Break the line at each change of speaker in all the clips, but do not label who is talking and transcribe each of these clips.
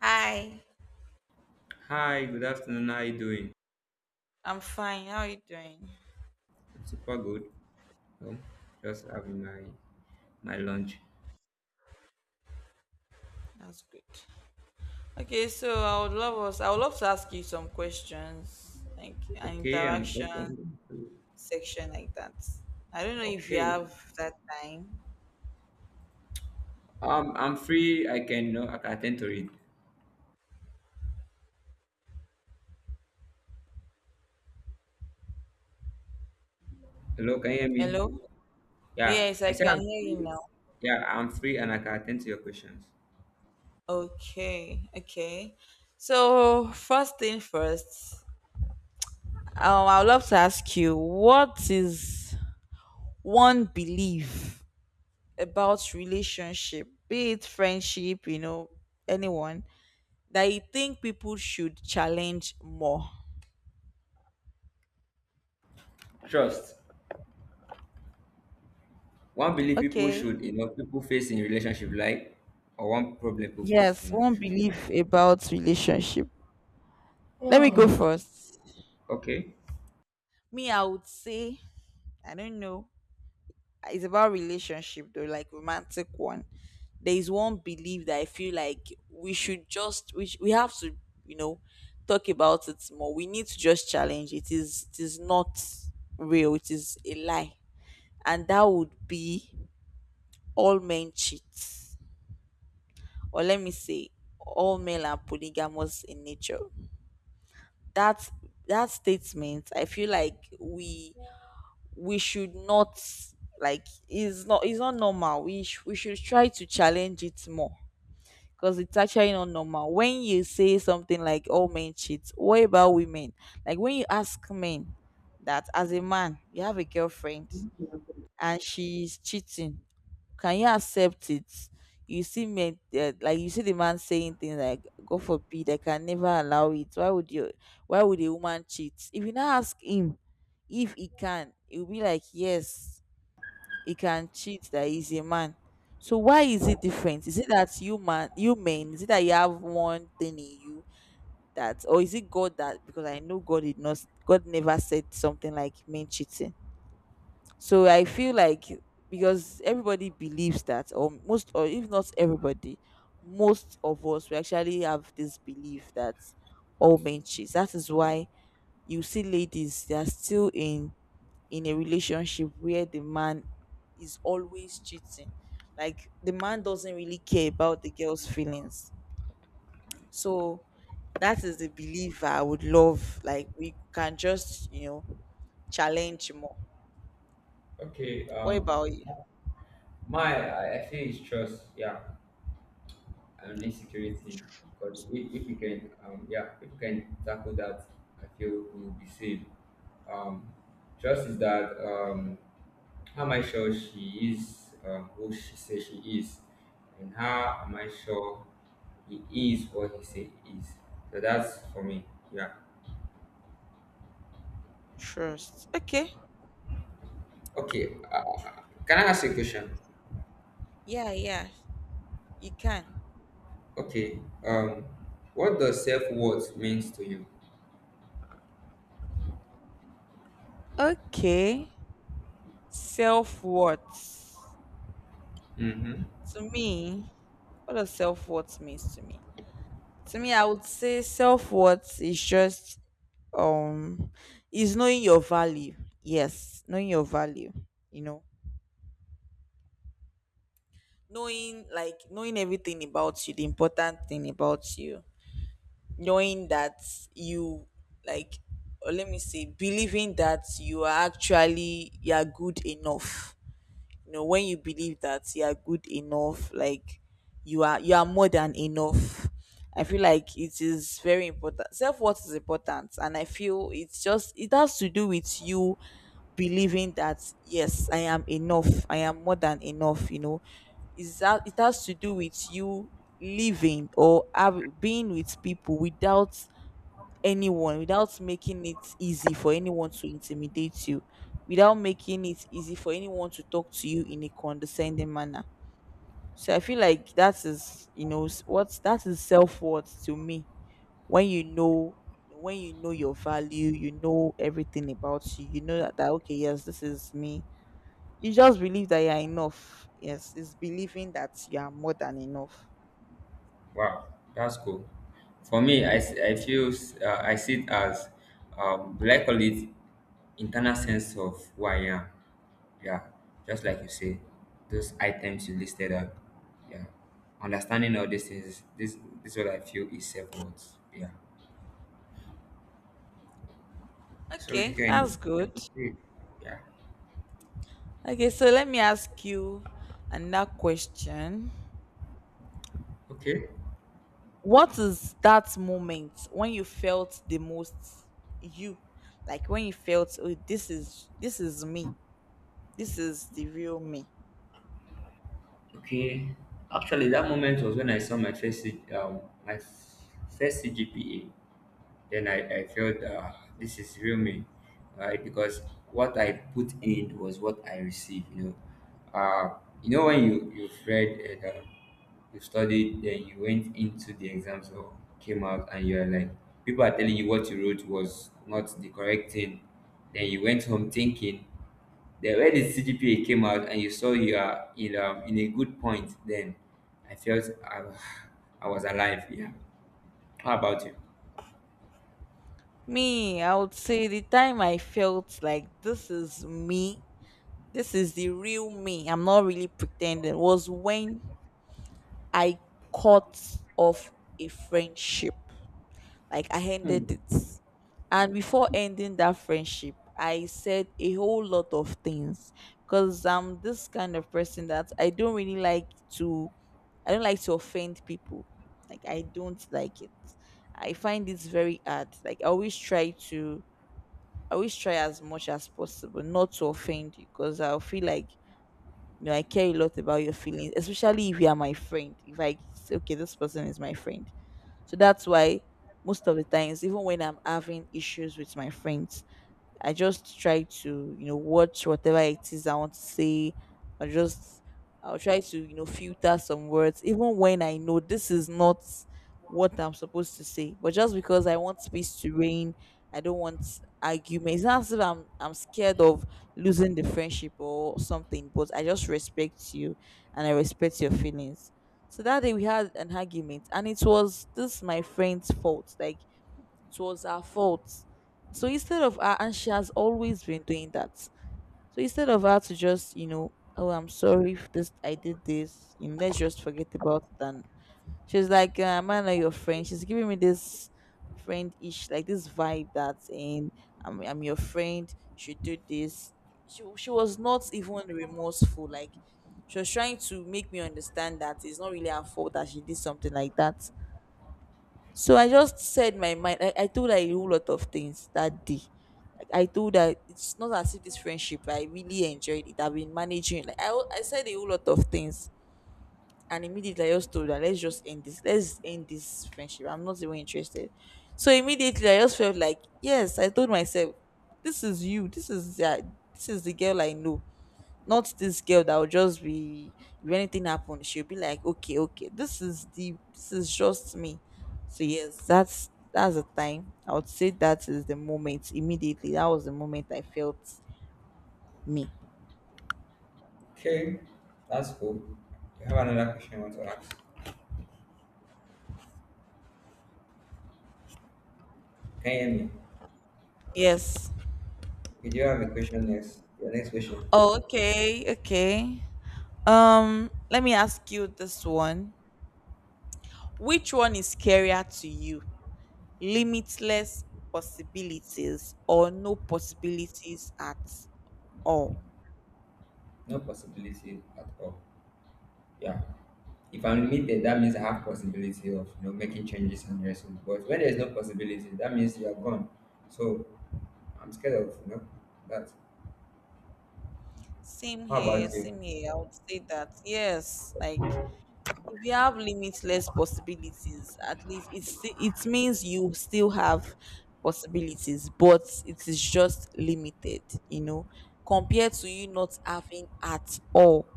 Hi,
Hi, good afternoon. How are you doing?
I'm fine. How are you doing?
I'm super good. Um, just having my lunch.
That's good. Okay, so I would love us. I would love to ask you some questions, like an
Okay, I'm
interaction
open.
section like that. I don't know if you
Okay,
have that time.
I'm free. I can no, I can attend to it. Hello, can you hear me?
Hello.
Yeah,
Yes, I
I said
can
I'm
hear you
free.
now.
Yeah, I'm free and I can attend to your questions.
Okay. Okay. So first thing first, I would love to ask you what is one belief about relationship, be it friendship, anyone that you think people should challenge more?
Trust. One belief people
Okay.
should, people face in relationship, like, or one problem people face
Yes,
in
one
relationship.
belief about relationship. Let me go first.
Okay.
Me, I would say, I don't know. It's about relationship though, like romantic one. There is one belief that I feel like we should just we sh- we have to, you know, talk about it more. We need to just challenge. It is not real. It is a lie. And that would be all men cheat. Or let me say all male are polygamous in nature. That that statement, I feel like we should not, like, is not it's not normal. We should try to challenge it more, because it's actually not normal. When you say something like all men cheat, what about women? Like, when you ask men that, as a man you have a girlfriend and she is cheating, can you accept it? You see men, like, you see the man saying things like, God forbid, I can never allow it. Why would a woman cheat? If you now ask him if he can, he'll be like, yes, he can cheat, that he's a man. So why is it different? Is it that you men, is it that you have one thing in you? That, or is it God? That because I know god did not God never said something like men cheating. So I feel like, because everybody believes that, or most, or if not everybody, most of us, we actually have this belief that all men cheat. That is why you see ladies, they are still in a relationship where the man is always cheating. Like the man doesn't really care about the girl's feelings. So that is the belief I would love. Like we can just, challenge more.
Okay.
What about you?
My I feel it's trust. Yeah. And insecurity because if we can yeah if we can tackle that, I feel we will be safe. um Trust is that, how am I sure she is, who she says she is. And how am I sure he is what he say he is. So that's for me. Yeah.
Trust. Okay.
Okay. Can I ask you a question?
Yeah, yeah. You can.
Okay. um what does self-worth means to you?
Okay. Self worth.
Mm-hmm.
To me, what does self worth means to me? To me, I would say self worth is just um is knowing your value. Yes, knowing your value, you know. Knowing, like, knowing everything about you, the important thing about you, knowing that you, like, or let me say, believing that you are actually, you are good enough. You know, when you believe that you are good enough, like, you are more than enough. I feel like it is very important. Self-worth is important, and I feel it's just, it has to do with you believing that, yes, I am enough, I am more than enough. Is that, it has to do with you living or being with people without anyone, without making it easy for anyone to intimidate you, without making it easy for anyone to talk to you in a condescending manner. So I feel like that is, what's that is self worth to me. When you know, when you know your value, you know everything about you. You know that, okay, yes, this is me. You just believe that you are enough. Yes, it's believing that you are more than enough.
Wow, that's cool. For me, I, s- I feel s- I see it as, do I call it, internal sense of who I am. Yeah, just like you say, those items you listed up. Yeah, understanding all these things. This is what I feel is self worth. Yeah, so
Okay, that's
you
good.
can see it. Yeah.
Okay, so let me ask you another question.
Okay.
What is that moment when you felt the most you, like, when you felt, oh, this is me, this is the real me?
Okay. Actually, that moment was when I saw my first C- my f- first CGPA. Then I felt, this is real me, right? Because what I put in was what I received, you know. You know, when you've read and, you studied, then you went into the exams or came out, and you're like, people are telling you what you wrote was not the correct thing. Then you went home thinking, then when the CGPA came out and you saw you are in a good point, then I felt I, I was alive. Yeah. How about you?
Me, I would say the time I felt like, this is me, this is the real me, I'm not really pretending, was when I cut off a friendship. Like I ended it. And before ending that friendship, I said a whole lot of things, because I'm this kind of person that I don't like to offend people. Like I don't like it. I find it very hard. Like, I always try as much as possible not to offend you, because I feel like, I care a lot about your feelings, especially if you are my friend. If I say okay, this person is my friend. So that's why, most of the times, even when I'm having issues with my friends, I just try to, watch whatever it is I want to say. I just I'll try to, filter some words, even when I know this is not what I'm supposed to say. But just because I want space to reign, I don't want argument. It's not as if I'm scared of losing the friendship or something, but I just respect you, and I respect your feelings. So that day we had an argument, and it was this my friend's fault. Like it was her fault. So instead of her, and she has always been doing that. So instead of her to just, oh, I'm sorry, if this I did this, let's just forget about it. And she's like, am I not your friend? She's giving me this friend-ish, like this vibe that saying, I'm your friend. She do this. She was not even remorseful. Like she was trying to make me understand that it's not really her fault, that she did something like that. So I just said my mind. I told her a whole lot of things that day. Like I told her, it's not as if this friendship I really enjoyed it. I've been managing. Like I said a whole lot of things, and immediately I just told her, let's just end this. Let's end this friendship. I'm not even interested. So immediately I just felt like, yes, I told myself, this is you. This is the girl I know. Not this girl that will just be, if anything happens, she'll be like, okay, okay, this is just me. So yes, that's the time. I would say that is the moment. Immediately, that was the moment I felt me.
Okay, that's cool. You have another question I want to ask. Can you hear me?
Yes.
Okay, do you have a question next? Your next question?
Oh, okay, okay. Let me ask you this one. Which one is scarier to you? Limitless possibilities, or no possibilities at all?
No possibility at all. Yeah. If I'm limited, that means I have possibility of, you know, making changes and dressing. But when there is no possibility, that means you are gone. So I'm scared of, you know, that.
Same
How
here,
about you?
same here. I would say that, yes, like, if you have limitless possibilities, at least it means you still have possibilities, but it is just limited, you know, compared to you not having at all.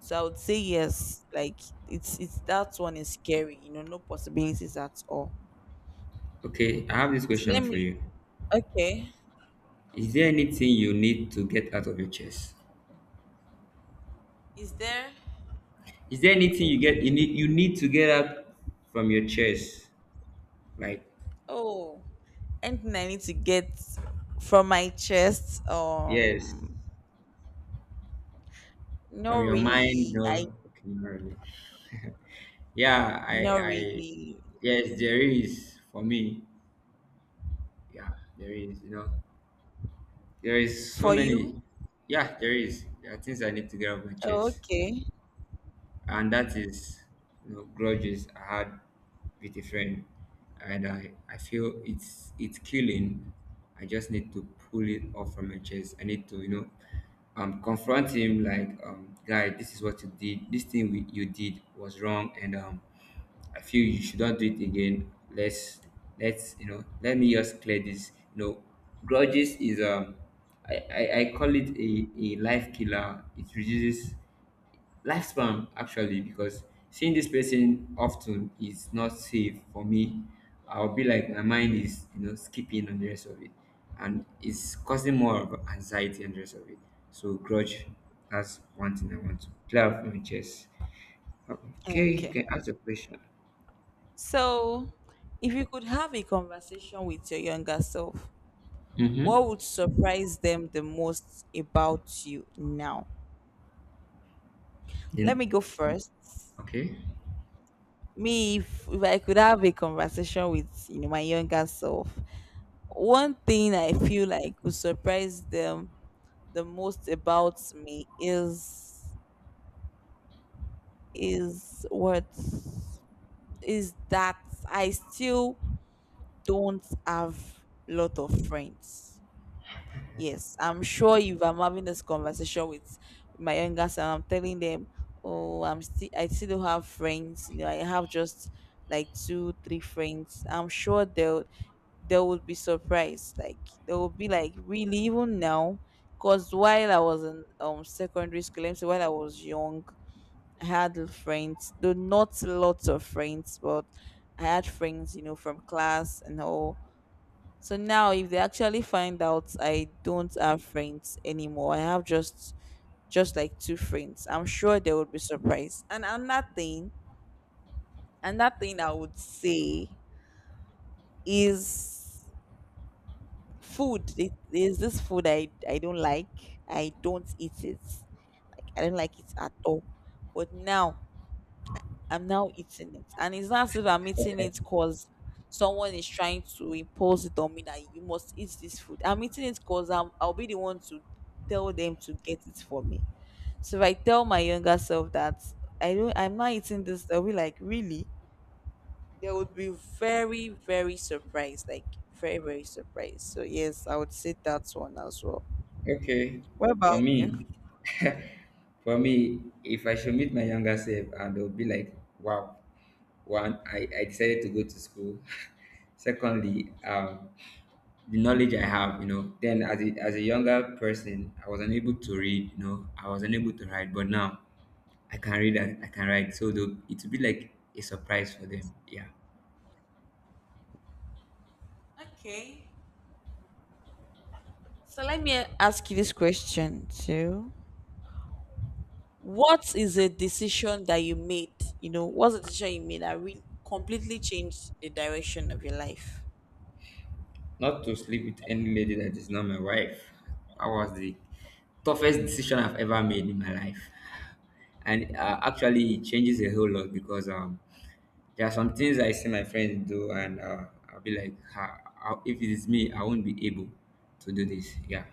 So I would say yes. Like, it's that one is scary. No possibilities at all.
Okay, I have this
So
question
let me.
for you.
Okay,
Is there anything you need to get out of your chest?
is there?
Is there anything you need to get out from your chest? Like,
Oh, anything I need to get from my chest?
yes, from
Not
your mind,
really.
your
I...
okay, not really. Yeah,
not really
yes, there is for me. Yeah, there is. You know, there is so
for you.
many. Yeah, there is. There are things I need to get off my
Oh,
chest.
okay,
And that is, you know, grudges I had with a friend, and I feel it's killing. I just need to pull it off from my chest. I need to, you know, confront him like, guy, this is what you did. This thing we, you did was wrong, and I feel you should not do it again. Let's you know, let me just clear this. You know, grudges is, I call it a life killer. It reduces life spam actually, because seeing this person often is not safe for me. I'll be like, my mind is, you know, skipping on the rest of it, and it's causing more of anxiety and the rest of it. So grudge, that's one thing I want to clear up my chest. Okay, you
okay.
can ask a question.
So, if you could have a conversation with your younger self,
Mm-hmm.
what would surprise them the most about you now? Let
Then
me go first.
okay.
Me, if I could have a conversation with my younger self, one thing I feel like would surprise them the most about me is what is that I still don't have lot of friends. Yes, I'm sure if I'm having this conversation with my younger son, I'm telling them, oh, I still don't have friends. I have just like two, three friends. I'm sure they would be surprised. Like they would be like, really, even now, because while I was in secondary school, let me say while I was young, I had friends, though not lots of friends, but I had friends, from class and all. So now if they actually find out I don't have friends anymore, I have just like two friends. I'm sure they would be surprised. And another thing, I would say is food. It is this food I don't like. I don't eat it. Like I don't like it at all. But now I'm now eating it. And it's not as if I'm eating it because someone is trying to impose it on me that you must eat this food. I'm eating it because I'll be the one to tell them to get it for me. So if I tell my younger self that I'm not eating this, they'll be like, really? They would be very, very surprised. Like, very, very surprised. So yes, I would say that's one as well.
Okay,
What about
for
you?
me, for me, if I should meet my younger self and they'll be like, wow, one, I decided to go to school. Secondly, the knowledge I have, you know, then as as a younger person, I was unable to read, you know, I was unable to write, but now I can read and I can write. So they'll- it will be like a surprise for them. Yeah.
Okay. So let me ask you this question too. What is a decision that you made? What's a decision you made that really completely changed the direction of your life?
Not to sleep with any lady that is not my wife. That was the toughest decision I've ever made in my life. And, actually, it changes a whole lot because, there are some things I see my friends do, and, I'll be like, "Ha, I- if it is me, I won't be able to do this." Yeah.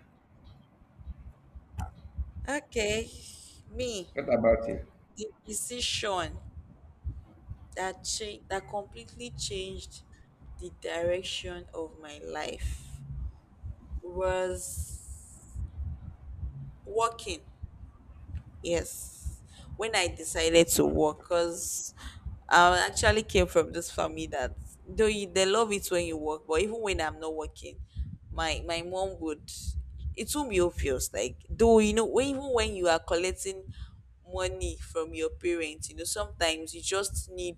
Okay, me,
What about you?
the decision that completely changed the direction of my life was working. Yes, when I decided to work, because I actually came from this family that though you, they love it when you work, but even when I'm not working, my mom would it won't be obvious. Like though you know, when, even when you are collecting money from your parents, you know sometimes you just need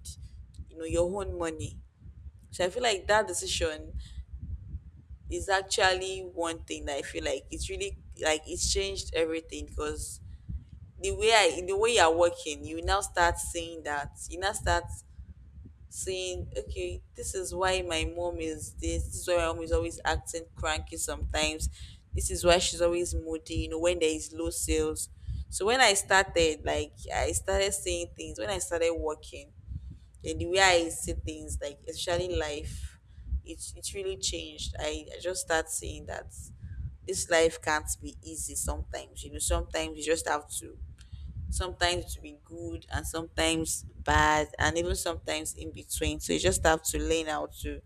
your own money. So I feel like that decision is actually one thing that I feel like it's really like it's changed everything because the way I the way you're working, you now start saying that. You now start saying, okay, this is why my mom is this, this is why my mom is always acting cranky sometimes. This is why she's always moody, you know, when there is low sales. So when I started, like I started saying things, when I started working, then the way I see things, like especially life, it really changed. I just start saying that this life can't be easy sometimes. You know, sometimes you just have to sometimes be good and sometimes bad and even sometimes in between so you just have to learn how to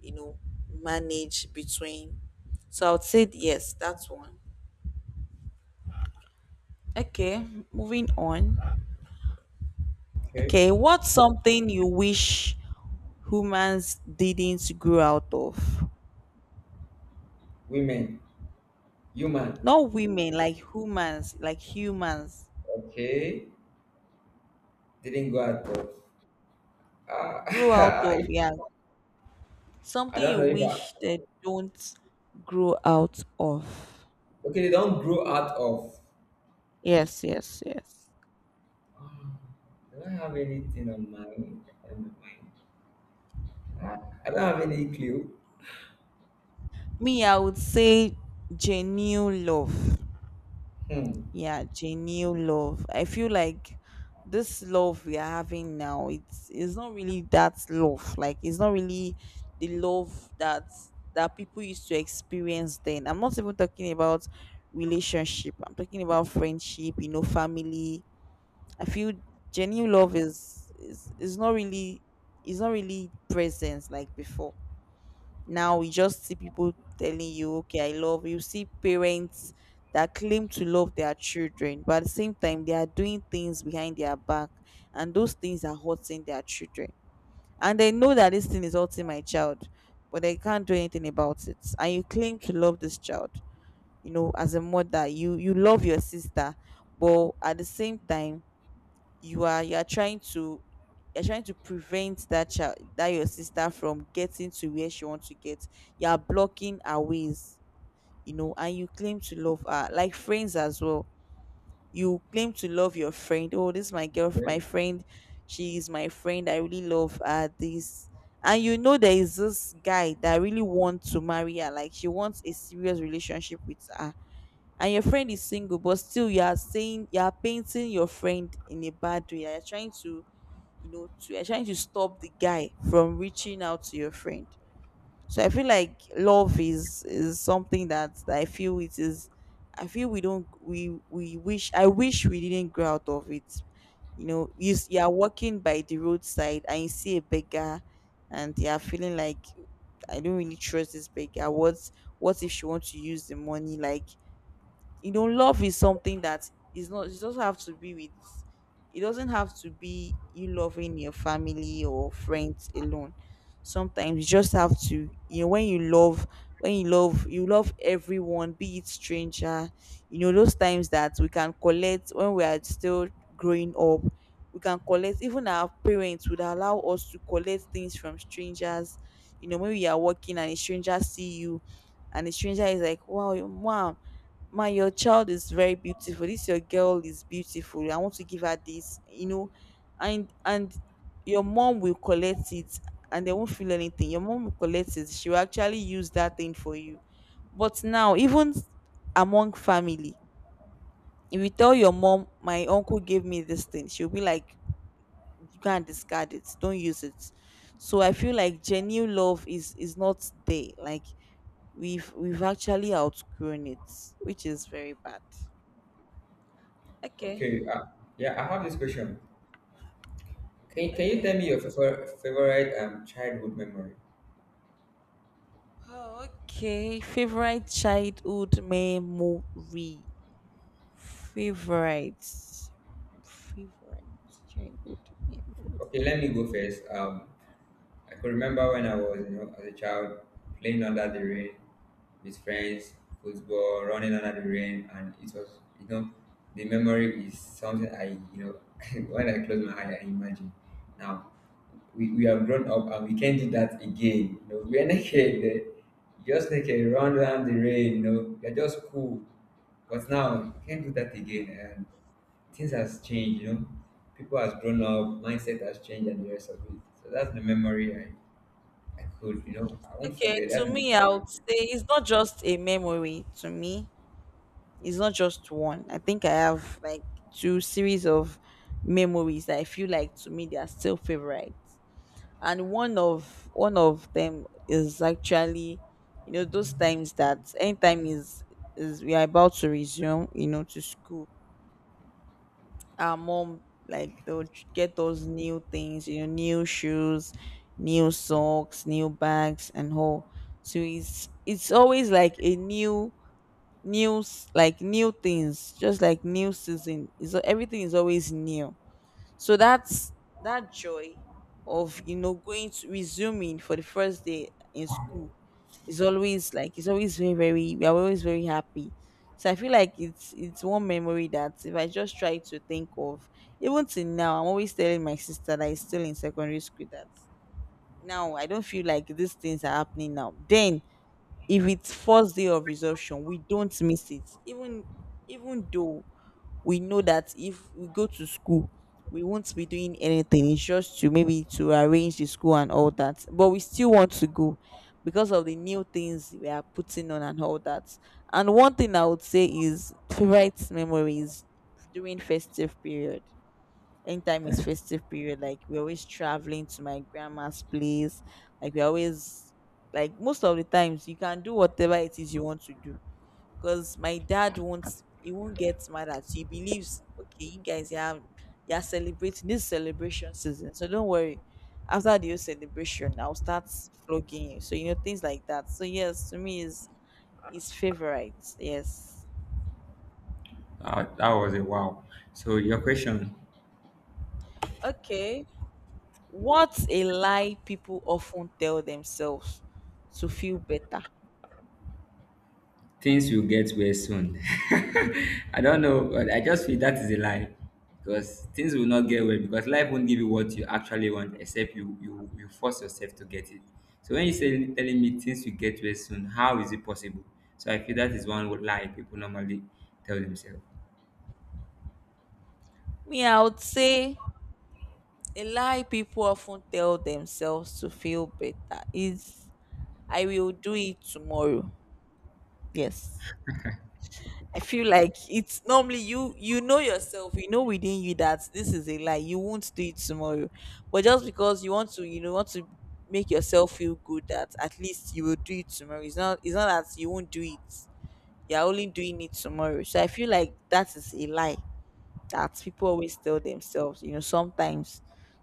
you know manage between so I would say yes, that's one. Okay, moving on.
Okay.
Okay, what's something you wish humans didn't grow out of?
Women, human.
Not women, like humans, like humans
Okay. Didn't go out of. Uh,
grow out of, yeah,
I
something
don't
you
know if I.
wish they don't grow out of.
Okay, they don't grow out of.
Yes, yes, yes.
Ah, I don't have anything on mind. On my mind. Ah, I don't have any clue.
Me, I would say genuine love.
Hmm.
Yeah, genuine love. I feel like this love we are having now, it's not really that love. Like it's not really the love that people used to experience then. I'm not even talking about relationship. I'm talking about friendship, you know, family. I feel genuine love is not really is not really present like before. Now we just see people telling you, okay, I love you. See parents that claim to love their children, but at the same time, they are doing things behind their back, and those things are hurting their children. And they know that this thing is hurting my child, but they can't do anything about it. And you claim to love this child, you know, as a mother, you love your sister, but at the same time you are trying to you're trying to prevent that child, that your sister, from getting to where she wants to get. You are blocking her ways, you know, and you claim to love her. Like friends as well, you claim to love your friend. Oh, this is my girl,
Okay.
my friend, she is my friend, I really love her, this. And you know there is this guy that really wants to marry her, like she wants a serious relationship with her, and your friend is single, but still you are saying, you are painting your friend in a bad way, you're trying to, you know, to you're trying to stop the guy from reaching out to your friend. So I feel like love is something that, I feel it is, I feel we don't we wish, I wish we didn't grow out of it. You know you, s- you are walking by the roadside and you see a beggar, and you are feeling like, I don't really trust this beggar. What if she wants to use the money? Like, you know, love is something that is not, it doesn't have to be with, it doesn't have to be you loving your family or friends alone. Sometimes you just have to, you know, when you love, when you love, you love everyone, be it stranger. You know those times that we can collect when we are still growing up, we can collect, even our parents would allow us to collect things from strangers. You know, when we are walking and a stranger see you, and the stranger is like, "Wow, mom, my, your child is very beautiful. This your girl is beautiful. I want to give her this," you know, and your mom will collect it, and they won't feel anything. Your mom will collect it. She will actually use that thing for you. But now, even among family, if you tell your mom, "My uncle gave me this thing," she'll be like, "You can't discard it. Don't use it." So I feel like genuine love is not there. Like we've actually outgrown it, which is very bad. Okay.
Okay. Yeah, I have this question. Can you
Okay.
tell me your favorite childhood memory?
Oh, okay. Favorite childhood memory. Favorite. Favorite childhood memory.
Okay, let me go first. I could remember when I was, you know, as a child, playing under the rain with friends, football, running under the rain, and it was, you know, the memory is something I, you know, when I close my eye, I imagine. Now, we have grown up and we can't do that again. You know, we are naked, eh, just naked, run around the rain. You know, we are just cool. But now you can't do that again, and things has changed. You know, people has grown up, mindset has changed, and the rest of it. So that's the memory I could, you know, I won't
Okay.
forget.
To
That's my
me,
favorite
I
memory.
would say it's not just a memory. To me, it's not just one. I think I have like two series of memories that I feel like to me they are still favorite. And one of them is actually, you know, those times that anytime is we are about to resume, you know, to school, our mom, like they'll ch- get those new things, you know, new shoes, new socks, new bags and all. So it's always like a new, new s- like new things, just like new season, is everything is always new. So that's that joy of, you know, going to resuming for the first day in school, is always like, it's always very, very, we are always very happy. So I feel like it's one memory that if I just try to think of, even till now I'm always telling my sister that is still in secondary school that now I don't feel like these things are happening now. Then if it's first day of resumption we don't miss it, even even though we know that if we go to school we won't be doing anything, it's just to maybe to arrange the school and all that, but we still want to go because of the new things we are putting on and all that. And one thing I would say is favorite memories during festive period. Anytime it's festive period, like we're always traveling to my grandma's place. Like we're always, like most of the times you can do whatever it is you want to do. Because my dad won't, he won't get mad at you. He believes, okay, you guys, yeah, you are celebrating, this is celebration season. So don't worry. After the whole celebration, I'll start flogging you. So you know things like that. So yes, to me is his favorite. Yes.
That was a wow. So your question,
Okay. What's a lie people often tell themselves to feel better?
things will get well soon. I don't know, but I just feel that is a lie, because things will not get well, because life won't give you what you actually want except you force yourself to get it. So when you say telling me things will get well soon, how is it possible? So I feel that is one lie people normally tell themselves.
Me, I would say a lie people often tell themselves to feel better is, I will do it tomorrow. Yes. I feel like it's normally, you know yourself, you know within you that this is a lie. You won't do it tomorrow. But just because you want to, you know, want to make yourself feel good that at least you will do it tomorrow. It's not that you won't do it, you're only doing it tomorrow. So I feel like that is a lie that people always tell themselves, you know, sometimes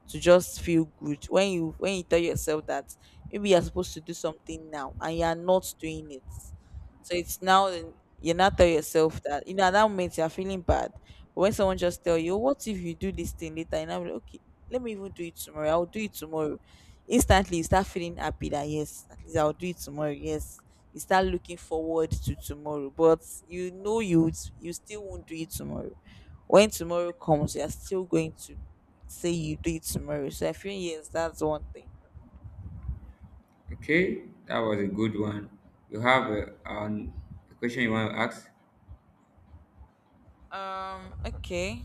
to just feel good. When you tell yourself that maybe you're supposed to do something now and you're not doing it. So it's now then you now tell yourself that, you know, at that moment you're feeling bad. But when someone just tell you, "Oh, what if you do this thing later?" And I'm like, okay, let me even do it tomorrow. I'll do it tomorrow. Instantly you start feeling happy that, yes, at least I'll do it tomorrow. Yes, you start looking forward to tomorrow, but you know you still won't do it tomorrow. When tomorrow comes, you're still going to say you do it tomorrow. So I feel, yes, that's one thing.
Okay, that was a good one. You have a question you want to ask?
Okay.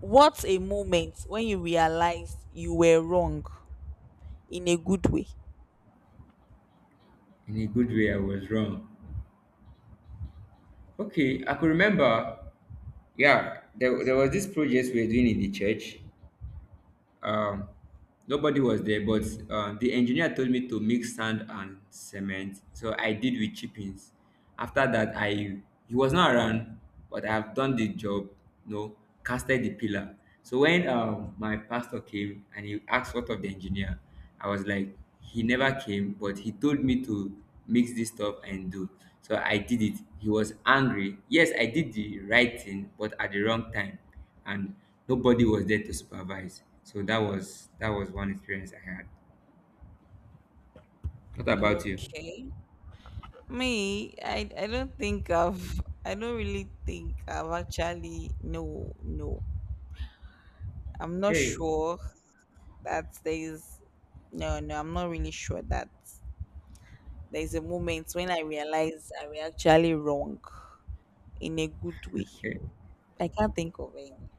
What's a moment when you realized you were wrong in a good way?
In a good way, I was wrong. Okay, I could remember. Yeah, there was this project we were doing in the church. Um, nobody was there, but, the engineer told me to mix sand and cement. So I did with chippings. After that, I, he was not around, but I have done the job. You know, casted the pillar. So when, my pastor came and he asked what of the engineer, I was like, he never came, but he told me to mix this stuff and do. So I did it. He was angry. Yes, I did the right thing, but at the wrong time, and nobody was there to supervise. So that was one experience I had. What about you?
Okay. Me, I don't think I've, I don't really think I've actually, no, no. I'm not
Okay,
sure that there's, no, no, I'm not really sure that there's a moment when I realized I was actually wrong in a good way.
okay,
I can't think of any.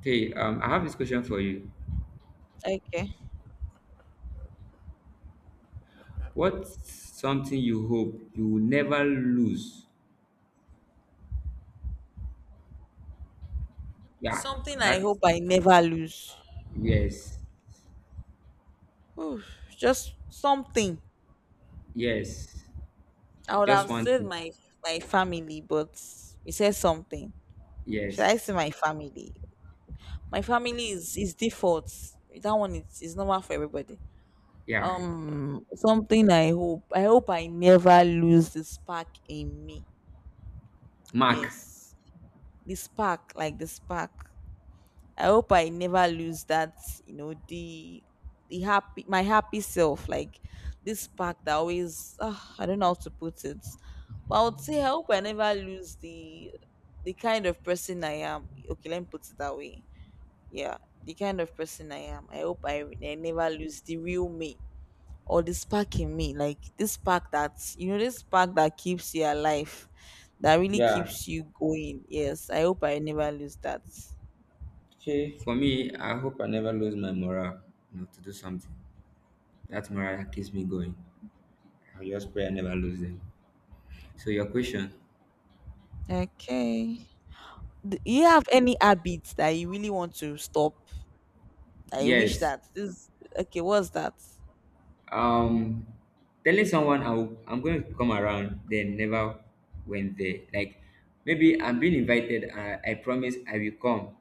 okay. I have this question for you.
Okay.
What's something you hope you will never lose? Yeah,
Something I hope
that's
I never lose.
yes.
Oof, just something.
Yes.
I would
Just
have
one
said
thing.
my my family, but you said something. Should I
Yes.
say my family? My family is default. That one is normal for everybody.
Yeah.
Um, something I hope I never lose, the spark in me.
Mark.
Yes, the spark, like the spark. I hope I never lose that. You know, the happy, my happy self, like this spark that always, ah, I don't know how to put it. But I would say I hope I never lose the kind of person I am. Okay, let me put it that way. Yeah, the kind of person I am, I hope I never lose the real me, or the spark in me, like this spark that, you know, this spark that keeps you alive, that really
Yeah.
keeps you going. Yes, I hope I never lose that.
Okay. For me, I hope I never lose my morale, you know, to do something. That morale that keeps me going. I just pray I never lose them. So your question,
Okay, do you have any habits that you really want to stop? I wish
yes.
that this. Okay, what's that?
Um, telling someone I will, I'm going to come around, they never went there. Like maybe I'm being invited. I promise I will come.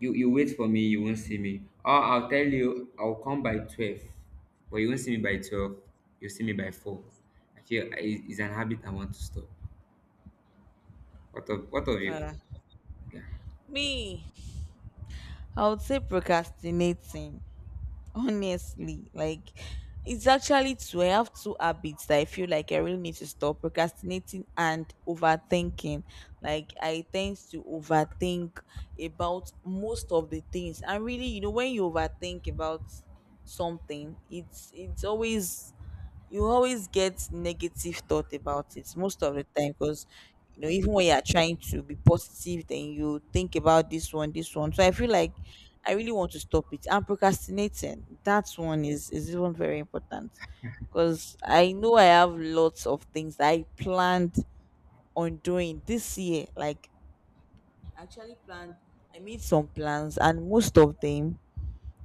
You wait for me, you won't see me. Or I'll tell you I'll come by 12, but you won't see me by 12. You'll see me by 4. I feel i- it's an habit I want to stop. What of you?
uh,
Yeah.
Me, I would say procrastinating, honestly. Like, it's actually two, I have two habits that I feel like I really need to stop: procrastinating and overthinking. Like I tend to overthink about most of the things, and really, you know, when you overthink about something, it's always, you always get negative thought about it most of the time, because you know even when you are trying to be positive, then you think about this one, this one. So I feel like I really want to stop it. And procrastinating, that one is even very important, because I know I have lots of things that I planned on doing this year. Like, I actually planned, I made some plans, and most of them,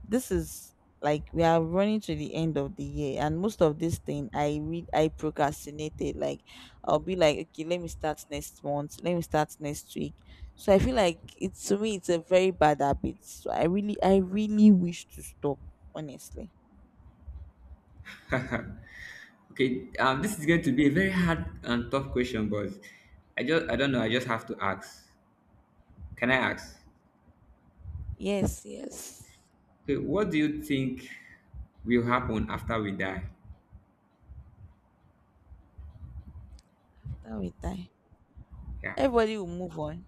this is, like we are running to the end of the year and most of this thing I read I procrastinated. Like I'll be like, okay, let me start next month, let me start next week. So I feel like it's, to me it's a very bad habit, so I really wish to stop, honestly.
Okay. This is going to be a very hard and tough question, but I just I don't know. I just have to ask. Can I ask?
Yes, yes.
Okay, what do you think will happen after we die?
That will die,
Yeah,
everybody will move on.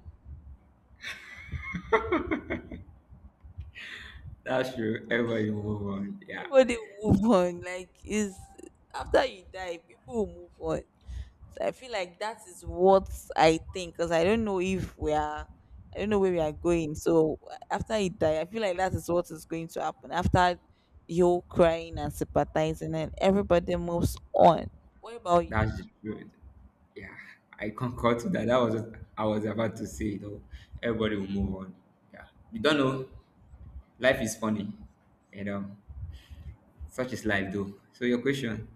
that's true. Ever you move on. Yeah,
Everybody will move on, like is, after you die people will move on. So I feel like that is what I think, because I don't know if we are, I don't know where we are going. So after he died, I feel like that is what is going to happen, after the whole crying and sympathizing and everybody moves on. What about you?
that's the truth. Yeah, I concur to that. That was what I was about to say, though. Everybody will move on. Yeah. We don't know. Life is funny. You know, such is life, though. So, your question.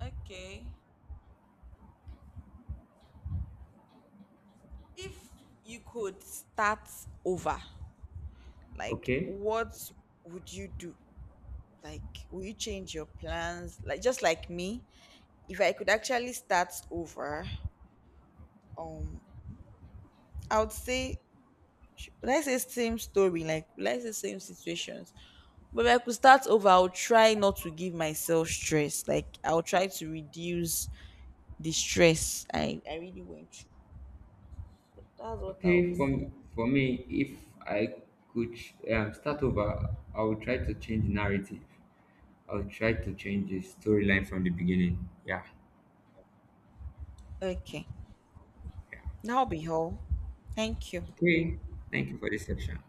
Okay. If you could start over, like
Okay.
what would you do? Like, will you change your plans? Like, just like me, if I could actually start over, um, I would say sh- let's say same story, like let's say same situations. But if I could start over, I'll try not to give myself stress. Like I'll try to reduce the stress I really went through. That's what I'll be
Okay,
saying.
for me, if I could, start over, I would try to change narrative. I would try to change the storyline from the beginning. Yeah.
Okay. That'll be all. Thank you.
Okay. Thank you for this section.